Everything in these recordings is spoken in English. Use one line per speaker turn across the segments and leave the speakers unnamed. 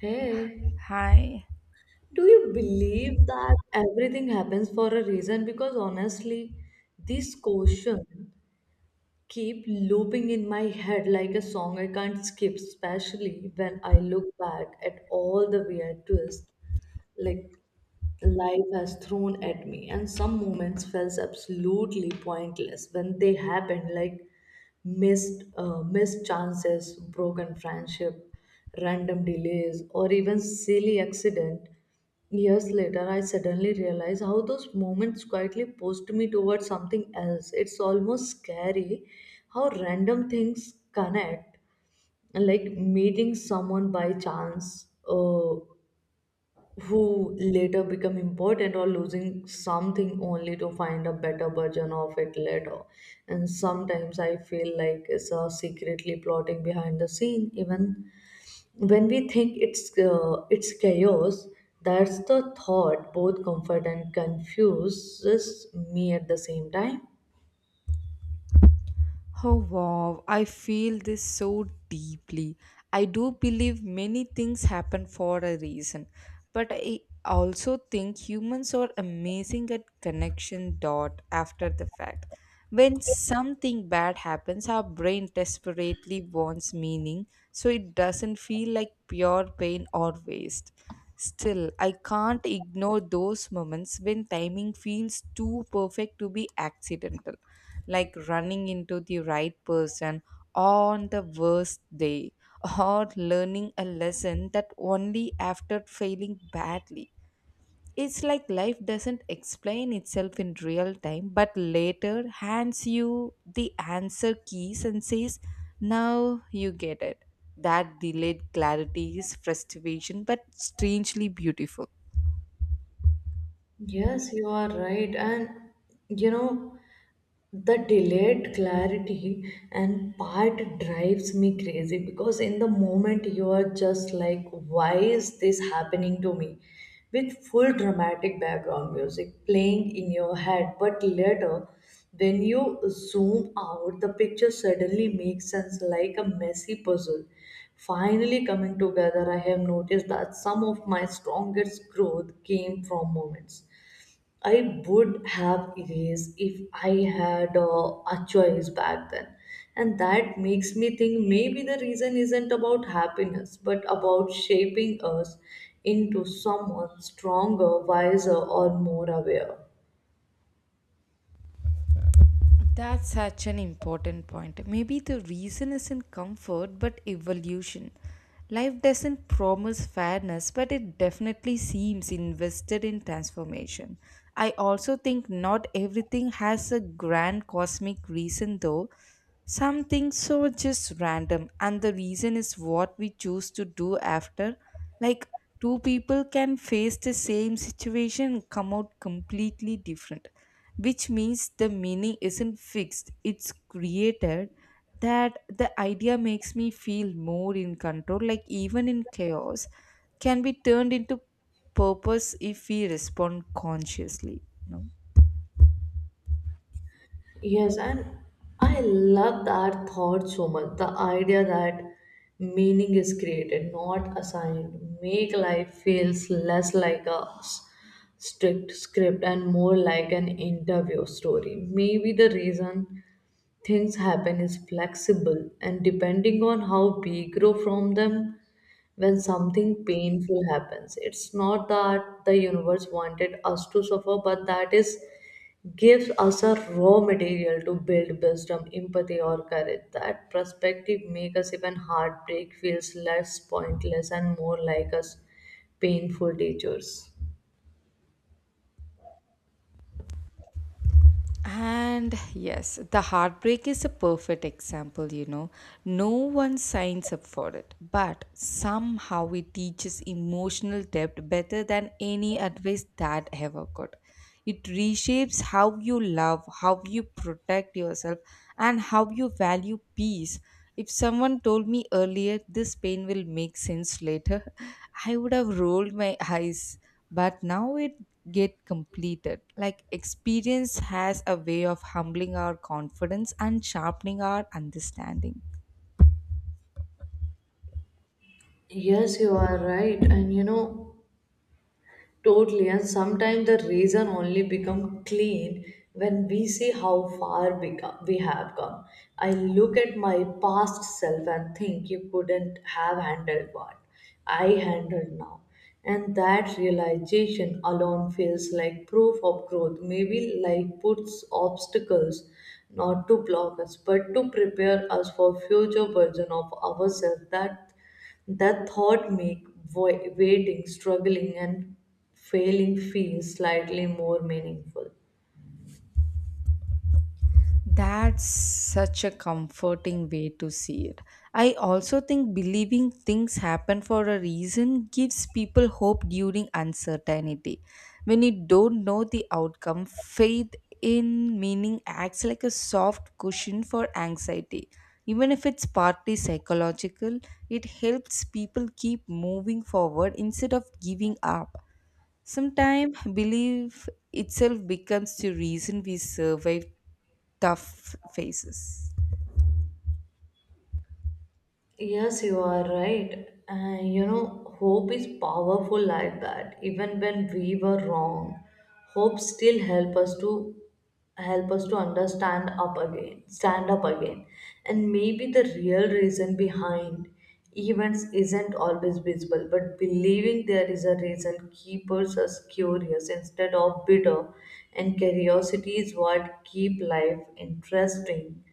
Hey,
Hi.
do you believe that everything happens for a reason? Because honestly, this question keep looping in my head like a song I can't skip, especially when I look back at all the weird twists, like life has thrown at me, and some moments felt absolutely pointless when they happened, like missed chances, broken friendship, random delays, or even silly accident. Years later, I suddenly realized how those moments quietly pushed me towards something else. It's almost scary how random things connect, like meeting someone by chance, who later become important, or losing something only to find a better version of it later. And sometimes I feel like it's a secretly plotting behind the scene, even when we think it's chaos. That's the thought both comfort and confuses me at the same time.
Oh wow, I feel this so deeply. I do believe many things happen for a reason, but I also think humans are amazing at connection dot after the fact. When something bad happens, our brain desperately wants meaning so it doesn't feel like pure pain or waste. Still, I can't ignore those moments when timing feels too perfect to be accidental. Like running into the right person on the worst day or learning a lesson that only after failing badly. It's like life doesn't explain itself in real time, but later hands you the answer keys and says, now you get it. That delayed clarity is frustration, but strangely beautiful.
Yes, you are right. You know, the delayed clarity and part drives me crazy, because in the moment you are just like, why is this happening to me, with full dramatic background music playing in your head. But later, when you zoom out, the picture suddenly makes sense, like a messy puzzle finally coming together. I have noticed that some of my strongest growth came from moments I would have erased if I had a choice back then. And that makes me think, maybe the reason isn't about happiness, but about shaping us into someone stronger, wiser, or more aware.
That's such an important point. Maybe the reason isn't comfort but evolution. Life doesn't promise fairness, but it definitely seems invested in transformation. I also think not everything has a grand cosmic reason, though. Something so just random, and the reason is what we choose to do after. Like, two people can face the same situation and come out completely different, which means the meaning isn't fixed, it's created. That the idea makes me feel more in control, like, even in chaos, can be turned into purpose if we respond consciously. No?
Yes, and I love that thought so much. The idea that meaning is created, not assigned, make life feels less like a strict script and more like an interview story. Maybe the reason things happen is flexible and depending on how we grow from them. When something painful happens, it's not that the universe wanted us to suffer, but that is gives us a raw material to build wisdom, empathy, or courage. That perspective makes us even heartbreak feels less pointless and more like us painful teachers.
And yes, the heartbreak is a perfect example, you know. No one signs up for it, but somehow it teaches emotional depth better than any advice that ever could. It reshapes how you love, how you protect yourself, and how you value peace. If someone told me earlier this pain will make sense later, I would have rolled my eyes but now it get completed like experience has a way of humbling our confidence and sharpening our understanding.
Yes, you are right. And you know, totally, and sometimes the reason only become clean when we see how far we have come. I look at my past self and think, you couldn't have handled what I handled now. And that realization alone feels like proof of growth. Maybe life puts obstacles not to block us, but to prepare us for future version of ourselves, that that thought make waiting, struggling, and failing feel slightly more meaningful.
That's such a comforting way to see it. I also think believing things happen for a reason gives people hope during uncertainty. When you don't know the outcome, faith in meaning acts like a soft cushion for anxiety. Even if it's partly psychological, it helps people keep moving forward instead of giving up. Sometimes belief itself becomes the reason we survive tough phases.
Yes, you are right. And you know, hope is powerful like that. Even when we were wrong, hope still help us to understand up stand up again. And maybe the real reason behind events isn't always visible, but believing there is a reason keeps us curious instead of bitter. And curiosity is what keep life interesting,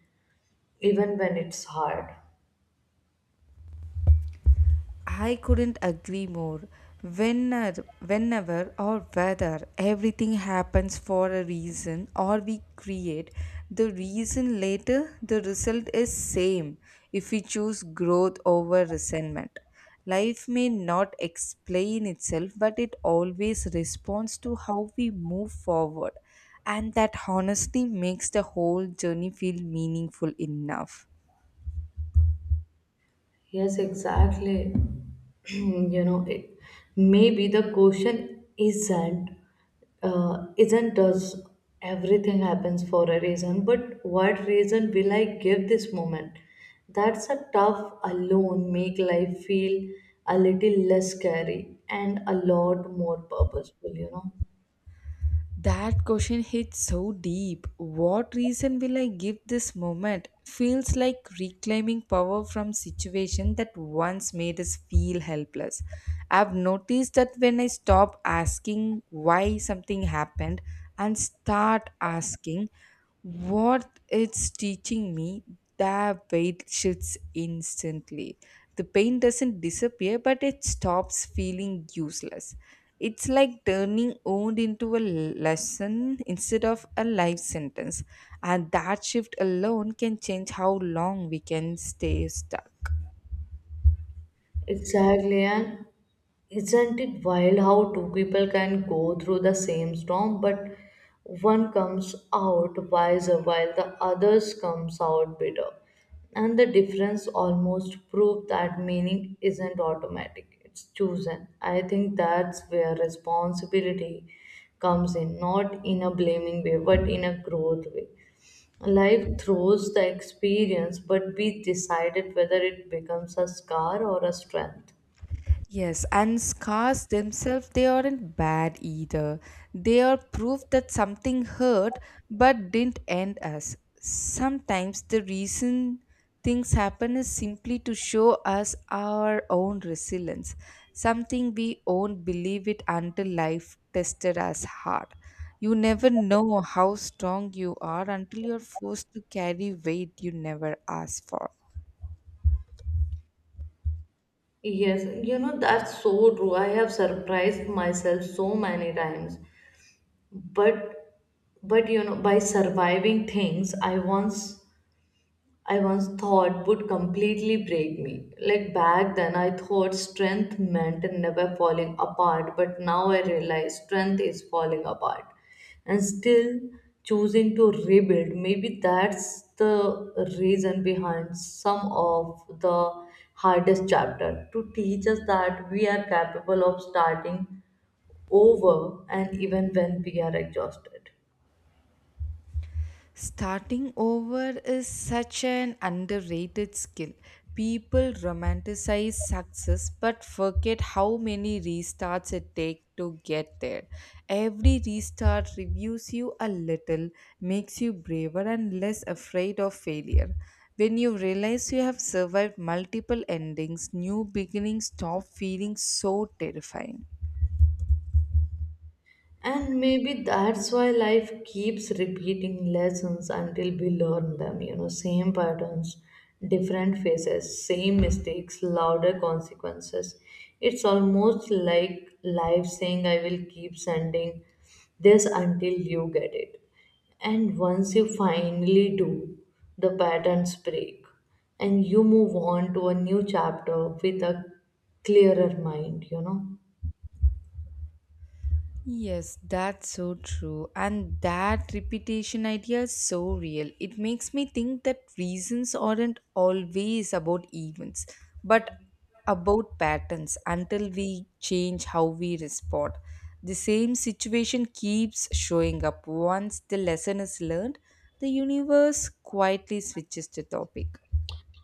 even when it's hard.
I couldn't agree more. Whenever or whether everything happens for a reason or we create the reason later, the result is same if we choose growth over resentment. Life may not explain itself, but it always responds to how we move forward. And that honestly makes the whole journey feel meaningful enough.
Yes, exactly. you know, it, Maybe the question isn't does everything happens for a reason, but what reason will I give this moment? That's a tough alone make life feel a little less scary and a lot more purposeful. You know.
That question hits so deep. What reason will I give this moment? Feels like reclaiming power from situation that once made us feel helpless. I've noticed that when I stop asking why something happened and start asking what it's teaching me, that weight shifts instantly. The pain doesn't disappear, but it stops feeling useless. It's like turning wound into a lesson instead of a life sentence. And that shift alone can change how long we can stay stuck.
Exactly, and isn't it wild how two people can go through the same storm, but one comes out wiser while the others comes out bitter. And the difference almost proves that meaning isn't automatic, it's chosen. I think that's where responsibility comes in, not in a blaming way, but in a growth way. Life throws the experience, but we decided whether it becomes a scar or a strength.
Yes, and scars themselves, they aren't bad either. They are proof that something hurt but didn't end us. Sometimes the reason things happen is simply to show us our own resilience, something we won't believe it until life tested us hard. You never know how strong you are until you're forced to carry weight you never asked for.
Yes, you know, that's so true. I have surprised myself so many times. But but you know, by surviving things I once thought would completely break me. Like back then, I thought strength meant never falling apart, but now I realize strength is falling apart and still choosing to rebuild. Maybe that's the reason behind some of the hardest chapter, to teach us that we are capable of starting over and even when we are exhausted.
Starting over is such an underrated skill. People romanticize success but forget how many restarts it takes to get there. Every restart reviews you a little, makes you braver and less afraid of failure. When you realize you have survived multiple endings, new beginnings stop feeling so terrifying.
And maybe that's why life keeps repeating lessons until we learn them. You know, same patterns, different faces, same mistakes, louder consequences. It's almost like life saying, I will keep sending this until you get it. And once you finally do, the patterns break and you move on to a new chapter with a clearer mind, you know.
Yes, that's so true. And that repetition idea is so real. It makes me think that reasons aren't always about events, but about patterns until we change how we respond. The same situation keeps showing up. Once the lesson is learned, the universe quietly switches the topic.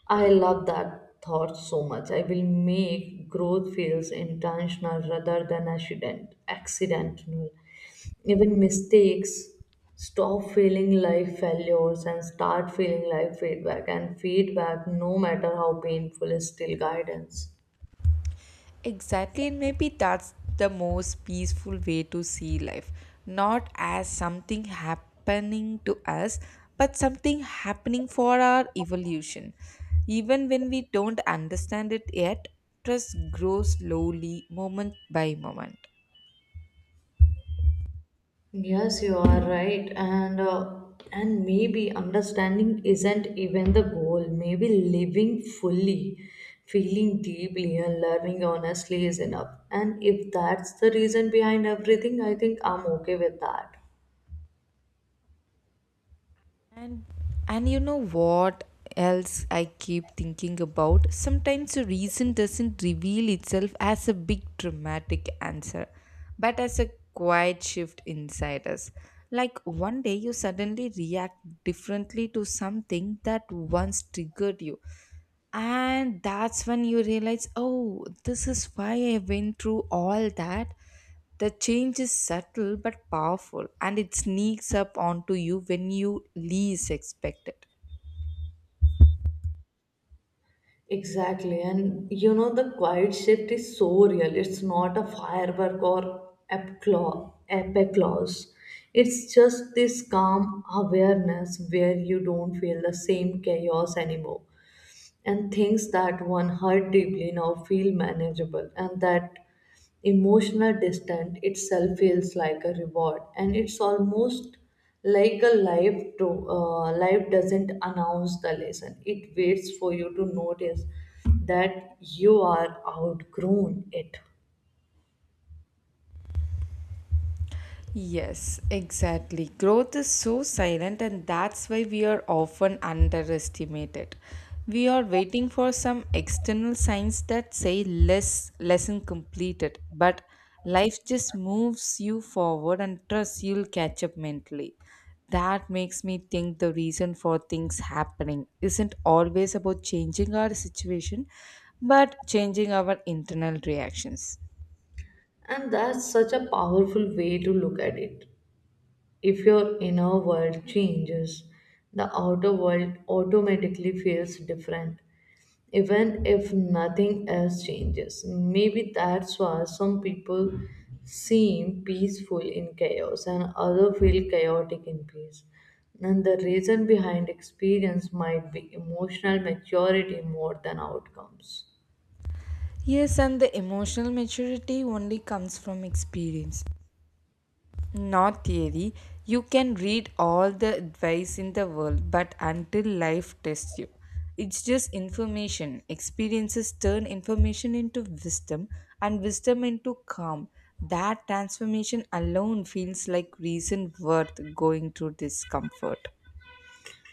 I love that thought so much. I will make growth feels intentional rather than accidental. Even mistakes stop feeling like failures and start feeling like feedback. And feedback, no matter how painful, is still guidance.
Exactly, and maybe that's the most peaceful way to see life. Not as something happening to us, but something happening for our evolution. Even when we don't understand it yet, trust grows slowly, moment by moment.
Yes, you are right, and maybe understanding isn't even the goal. Maybe living fully, feeling deeply, and learning honestly is enough. And if that's the reason behind everything, I think I'm okay with that.
And and you know what else I keep thinking about? Sometimes a reason doesn't reveal itself as a big dramatic answer, but as a quiet shift inside us. Like one day you suddenly react differently to something that once triggered you. And that's when you realize, oh, this is why I went through all that. The change is subtle but powerful and it sneaks up onto you when you least expect it.
Exactly, and you know the quiet shift is so real. It's not a firework or epiclaws. It's just this calm awareness where you don't feel the same chaos anymore, and things that one hurt deeply now feel manageable, and that emotional distance itself feels like a reward. And it's almost like a life to life doesn't announce the lesson, it waits for you to notice that you are outgrown it.
Yes, exactly. Growth is so silent, and that's why we are often underestimated. We are waiting for some external signs that say less lesson completed, but life just moves you forward and trust you'll catch up mentally. That makes me think the reason for things happening isn't always about changing our situation, but changing our internal reactions.
And that's such a powerful way to look at it. If your inner world changes, the outer world automatically feels different, even if nothing else changes. Maybe that's why some people seem peaceful in chaos and others feel chaotic in peace. And the reason behind experience might be emotional maturity more than outcomes.
Yes, and the emotional maturity only comes from experience, not theory. You can read all the advice in the world, but until life tests you, it's just information. Experiences turn information into wisdom and wisdom into calm. That transformation alone feels like reason worth going through discomfort.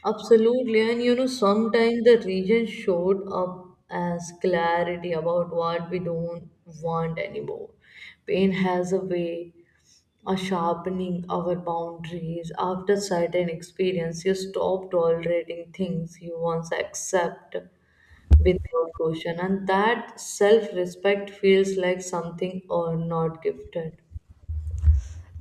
Absolutely, and you know, sometimes the region showed up as clarity about what we don't want anymore. Pain has a way of sharpening our boundaries. After certain experience, you stop tolerating things you once accept without question, and that self-respect feels like something or not gifted.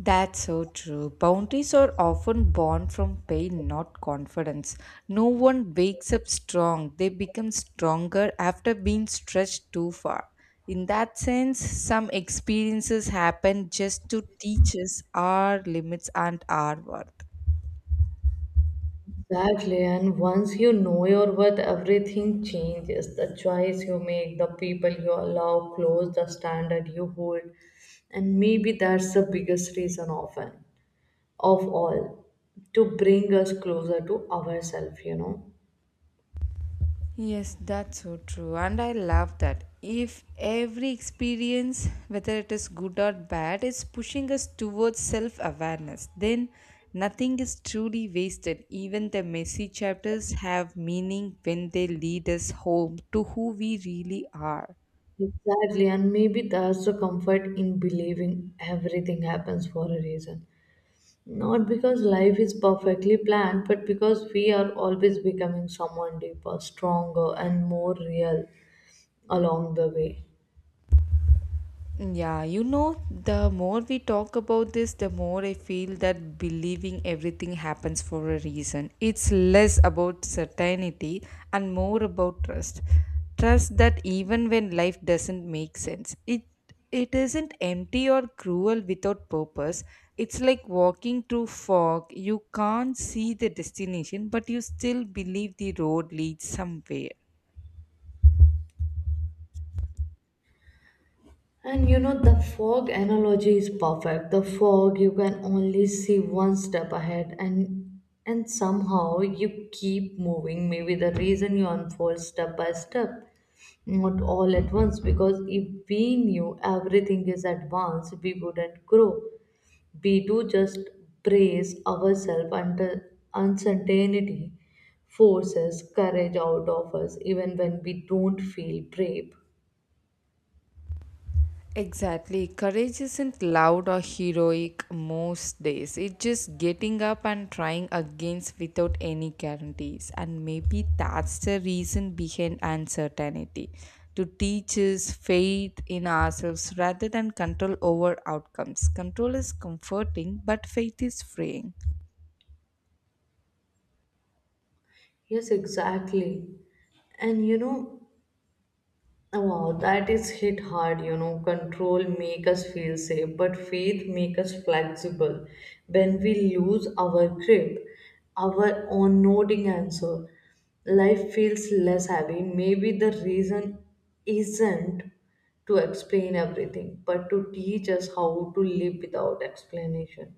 That's so true. Boundaries are often born from pain, not confidence. No one wakes up strong, they become stronger after being stretched too far. In that sense, some experiences happen just to teach us our limits and our worth.
Exactly, and once you know your worth, everything changes. The choice you make, the people you allow close, the standard you hold. And maybe that's the biggest reason often of all, to bring us closer to ourselves, you know.
Yes, that's so true. And I love that. If every experience, whether it is good or bad, is pushing us towards self awareness, then nothing is truly wasted. Even the messy chapters have meaning when they lead us home to who we really are.
Exactly, and maybe that's the comfort in believing everything happens for a reason. Not because life is perfectly planned, but because we are always becoming someone deeper, stronger, and more real along the way.
Yeah, you know, the more we talk about this, the more I feel that believing everything happens for a reason. It's less about certainty and more about trust. Trust that even when life doesn't make sense, it isn't empty or cruel without purpose. It's like walking through fog. You can't see the destination, but you still believe the road leads somewhere.
And you know, the fog analogy is perfect. The fog, you can only see one step ahead, and somehow you keep moving. Maybe the reason you unfold step by step, not all at once, because if we knew everything is advanced, we wouldn't grow. We do just brace ourselves under uncertainty, forces courage out of us even when we don't feel brave.
Exactly. Courage isn't loud or heroic most days. It's just getting up and trying against without any guarantees. And maybe that's the reason behind uncertainty to teach us faith in ourselves rather than control over outcomes. Control is comforting, but faith is freeing.
Yes, exactly. And you know, wow, that is hit hard. You know, control make us feel safe, but faith make us flexible. When we lose our grip, our own nodding answer, life feels less heavy. Maybe the reason isn't to explain everything, but to teach us how to live without explanation.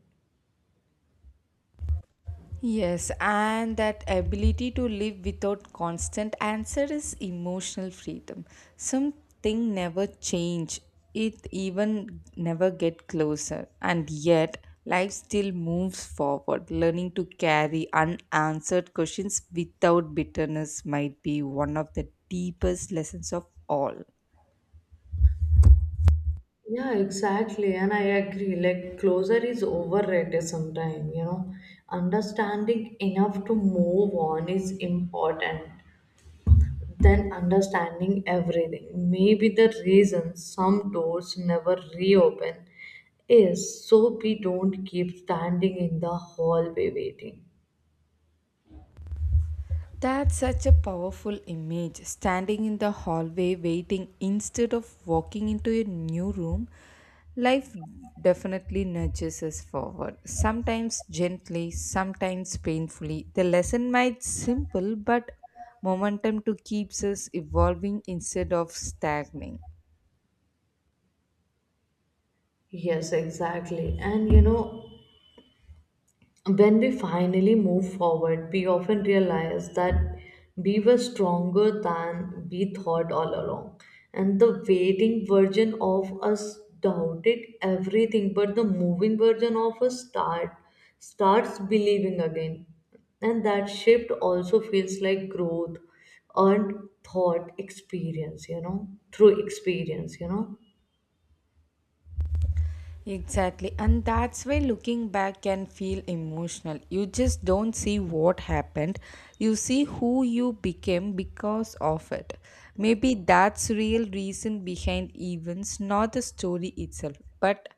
Yes, and that ability to live without constant answer is emotional freedom. Something never change. It even never get closer. And yet life still moves forward. Learning to carry unanswered questions without bitterness might be one of the deepest lessons of all.
Yeah, exactly. And I agree. Like, closure is overrated sometimes, you know. Understanding enough to move on is important than understanding everything. Maybe the reason some doors never reopen is so we don't keep standing in the hallway waiting.
That's such a powerful image. Standing in the hallway waiting instead of walking into a new room, life definitely nudges us forward. Sometimes gently, sometimes painfully. The lesson might simple, but momentum to keeps us evolving instead of stagnating.
Yes, exactly. And you know, when we finally move forward, we often realize that we were stronger than we thought all along. And the waiting version of us doubted everything, but the moving version of us starts believing again. And that shift also feels like growth earned thought experience, you know, through experience, you know.
Exactly, and that's why looking back can feel emotional. You just don't see what happened, you see who you became because of it. Maybe that's real reason behind events, not the story itself, but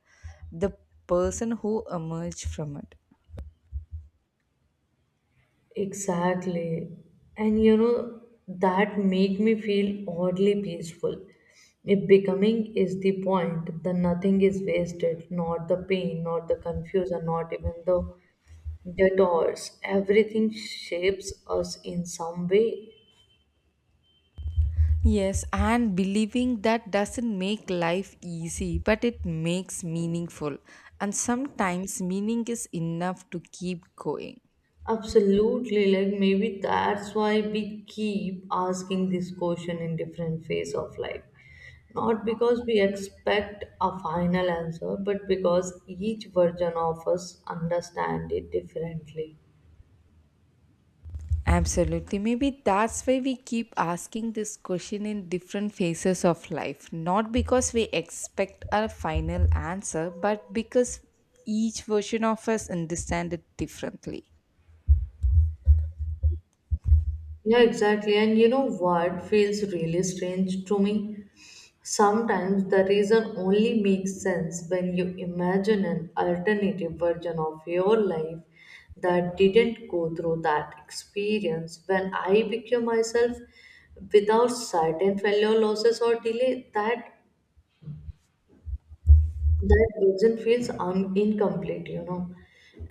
the person who emerged from it.
Exactly. And you know, that make me feel oddly peaceful. If becoming is the point, then nothing is wasted, not the pain, not the confusion, not even the detours. Everything shapes us in some way.
Yes, and believing that doesn't make life easy, but it makes meaningful. And sometimes meaning is enough to keep going.
Absolutely, like maybe that's why we keep asking this question in different phase of life. Not because we expect a final answer, but because each version of us understand it differently.
Absolutely. Maybe that's why we keep asking this question in different phases of life. Not because we expect a final answer, but because each version of us understand it differently.
Yeah, exactly. And you know what feels really strange to me? Sometimes the reason only makes sense when you imagine an alternative version of your life that didn't go through that experience. When I became myself without certain failure, losses, or delay, that version feels incomplete, you know.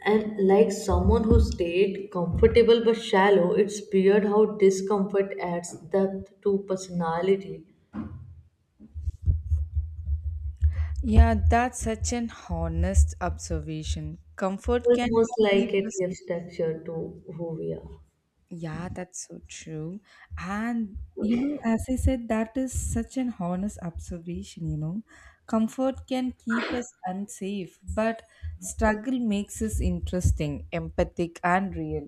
And like someone who stayed comfortable but shallow, it's weird how discomfort adds depth to personality,
Yeah, that's such an honest observation. Comfort can
almost
keep
like it
us.
gives texture to who we are.
Yeah, that's so true. And you know, as I said, that is such an honest observation, you know. Comfort can keep us unsafe, but struggle makes us interesting, empathic, and real.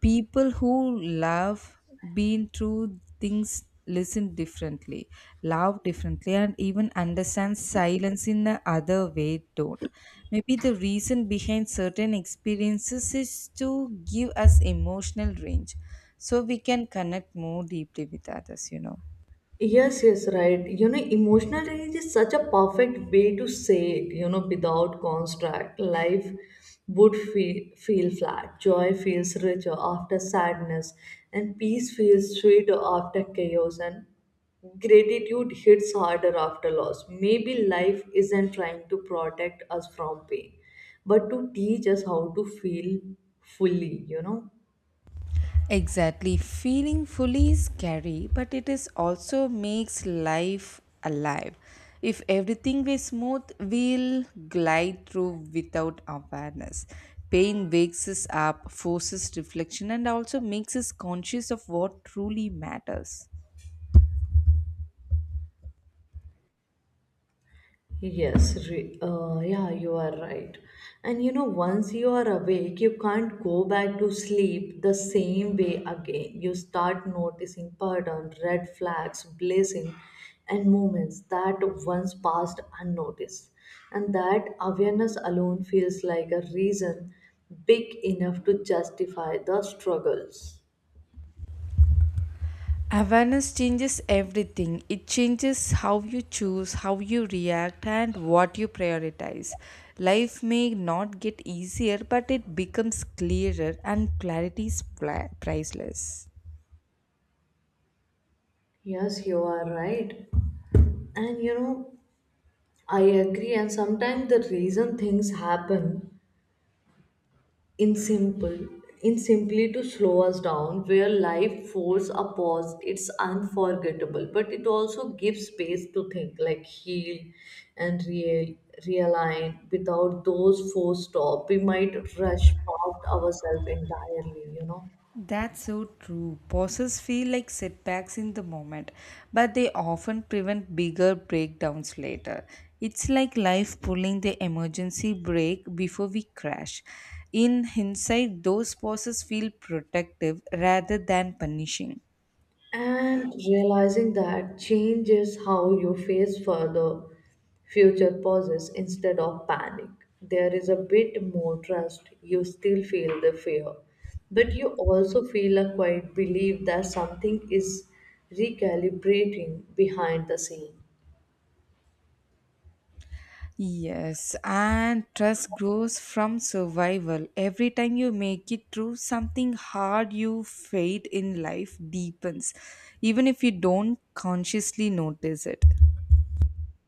People who love been through things listen differently love differently and even understand silence in the other way don't maybe the reason behind certain experiences is to give us emotional range so we can connect more deeply with others, you know.
Yes, yes, right. You know, emotional range is such a perfect way to say it, you know, without construct. Life would feel flat. Joy feels richer after sadness, and peace feels sweeter after chaos, and gratitude hits harder after loss. Maybe life isn't trying to protect us from pain, but to teach us how to feel fully, you know.
Exactly. Feeling fully is scary, but it is also makes life alive. If everything were smooth, we'll glide through without awareness. Pain wakes us up, forces reflection, and also makes us conscious of what truly matters.
Yes, yeah, you are right. And you know, once you are awake, you can't go back to sleep the same way again. You start noticing patterns, red flags, blazing, and moments that once passed unnoticed. And that awareness alone feels like a reason big enough to justify the struggles.
Awareness changes everything. It changes how you choose, how you react, and what you prioritize. Life may not get easier, but it becomes clearer, and clarity is priceless.
Yes, you are right. And you know, I agree. And sometimes the reason things happen in simple in simply to slow us down where life force a pause, it's unforgettable, but it also gives space to think, like heal and realign. Without those four stop, we might rush past ourselves entirely, you know.
That's so true. Pauses feel like setbacks in the moment, but they often prevent bigger breakdowns later. It's like life pulling the emergency brake before we crash. In hindsight, those pauses feel protective rather than punishing.
And realizing that changes how you face further future pauses instead of panic. There is a bit more trust. You still feel the fear, but you also feel a quiet belief that something is recalibrating behind the scene.
Yes, and trust grows from survival. Every time you make it through something hard, your faith in life deepens, even if you don't consciously notice it.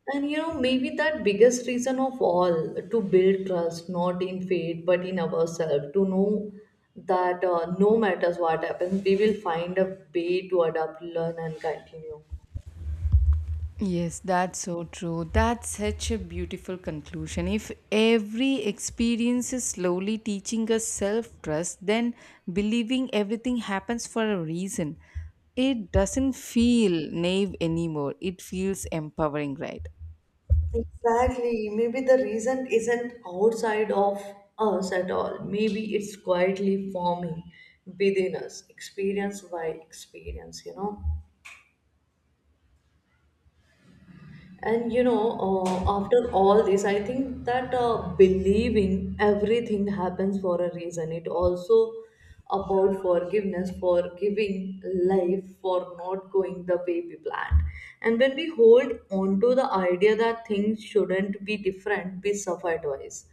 And you know, maybe that biggest reason of all to build trust, not in fate, but in ourselves, to know that no matters what happens, we will find a way to adapt, learn, and continue.
Yes, that's so true. That's such a beautiful conclusion. If every experience is slowly teaching us self trust, then believing everything happens for a reason. It doesn't feel naive anymore. It feels empowering, right?
Exactly. Maybe the reason isn't outside of us at all, maybe it's quietly forming within us, experience by experience, you know. And you know, after all this, I think that believing everything happens for a reason. It also about forgiveness, for giving life, for not going the way we planned. And when we hold on to the idea that things shouldn't be different, we suffer twice,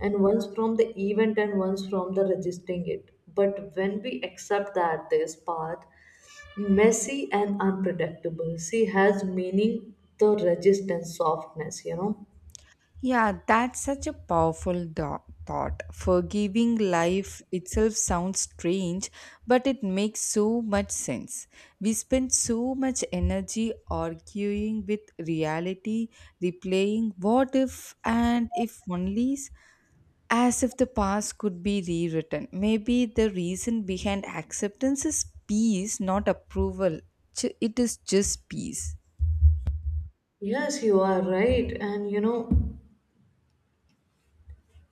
and once from the event and once from the resisting it. But when we accept that this path messy and unpredictable, she has meaning the resistance softness, you know.
Yeah, that's such a powerful thought. Forgiving life itself sounds strange, but it makes so much sense. We spend so much energy arguing with reality, replaying what if and if onlys, as if the past could be rewritten. Maybe the reason behind acceptance is peace, not approval. It is just peace.
Yes, you are right. And you know,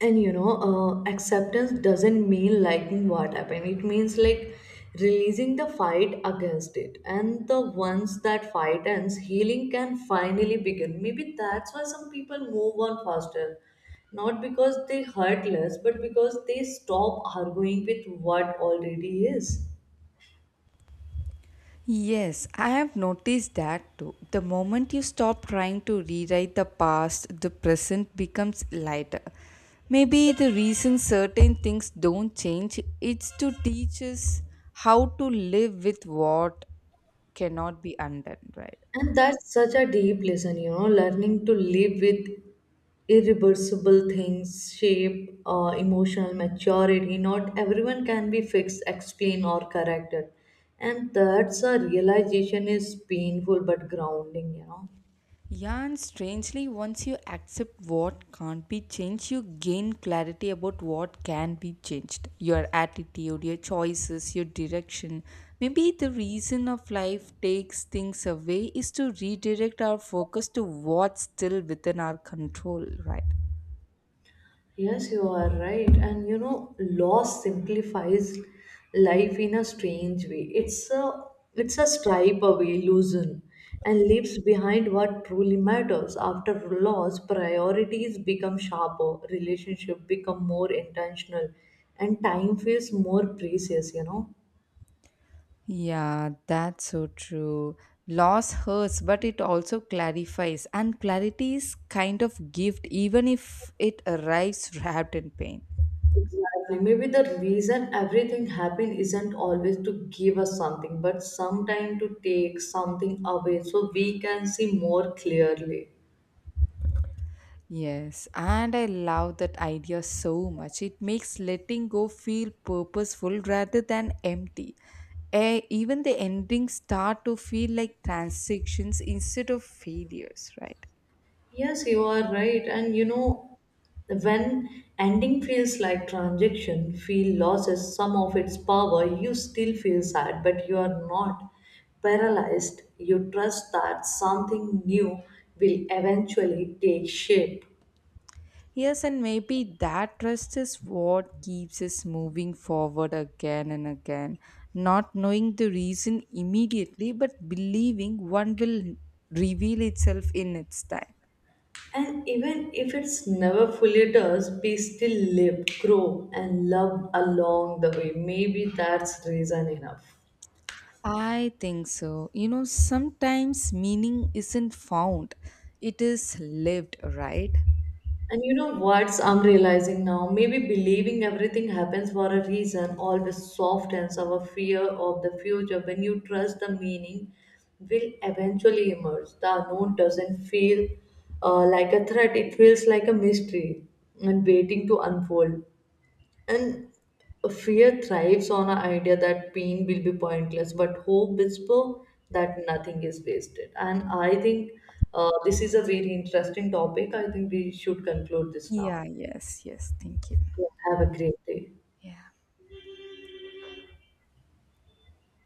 and you know, uh, acceptance doesn't mean liking what happened. It means like releasing the fight against it. And the once that fight ends, healing can finally begin. Maybe that's why some people move on faster. Not because they hurt less, but because they stop arguing with what already is.
Yes, I have noticed that too. The moment you stop trying to rewrite the past, the present becomes lighter. Maybe the reason certain things don't change is to teach us how to live with what cannot be undone, right?
And that's such a deep lesson, you know, learning to live with irreversible things, shape, emotional maturity. Not everyone can be fixed, explained, or corrected. And that's a realization is painful but grounding, you know.
Yeah, and strangely, once you accept what can't be changed, you gain clarity about what can be changed. Your attitude, your choices, your direction. Maybe the reason of life takes things away is to redirect our focus to what's still within our control, right?
Yes, you are right. And you know, loss simplifies life in a strange way. It's a stripe away illusion and leaves behind what truly matters. After loss, priorities become sharper, relationship become more intentional, and time feels more precious, you know.
Yeah, that's so true. Loss hurts, but it also clarifies, and clarity is kind of gift, even if it arrives wrapped in pain.
Exactly. Maybe the reason everything happened isn't always to give us something, but sometime to take something away so we can see more clearly.
Yes, and I love that idea so much. It makes letting go feel purposeful rather than empty. Eh, even the endings start to feel like transactions instead of failures, right?
Yes, you are right. And you know, when ending feels like transaction, feel loses some of its power, you still feel sad, but you are not paralyzed. You trust that something new will eventually take shape.
Yes, and maybe that trust is what keeps us moving forward again and again, not knowing the reason immediately, but believing one will reveal itself in its time.
And even if it's never fully does, we still live, grow, and love along the way. Maybe that's reason enough.
I think so. You know, sometimes meaning isn't found, it is lived, right?
And you know what's I'm realizing now? Maybe believing everything happens for a reason always softens our fear of the future. When you trust the meaning will eventually emerge, the unknown doesn't feel like a threat, it feels like a mystery and waiting to unfold. And fear thrives on an idea that pain will be pointless, but hope whisper that nothing is wasted. And I think this is a very interesting topic. I think we should conclude this now.
Yeah, yes, yes. Thank you.
Yeah, have a great day.
Yeah.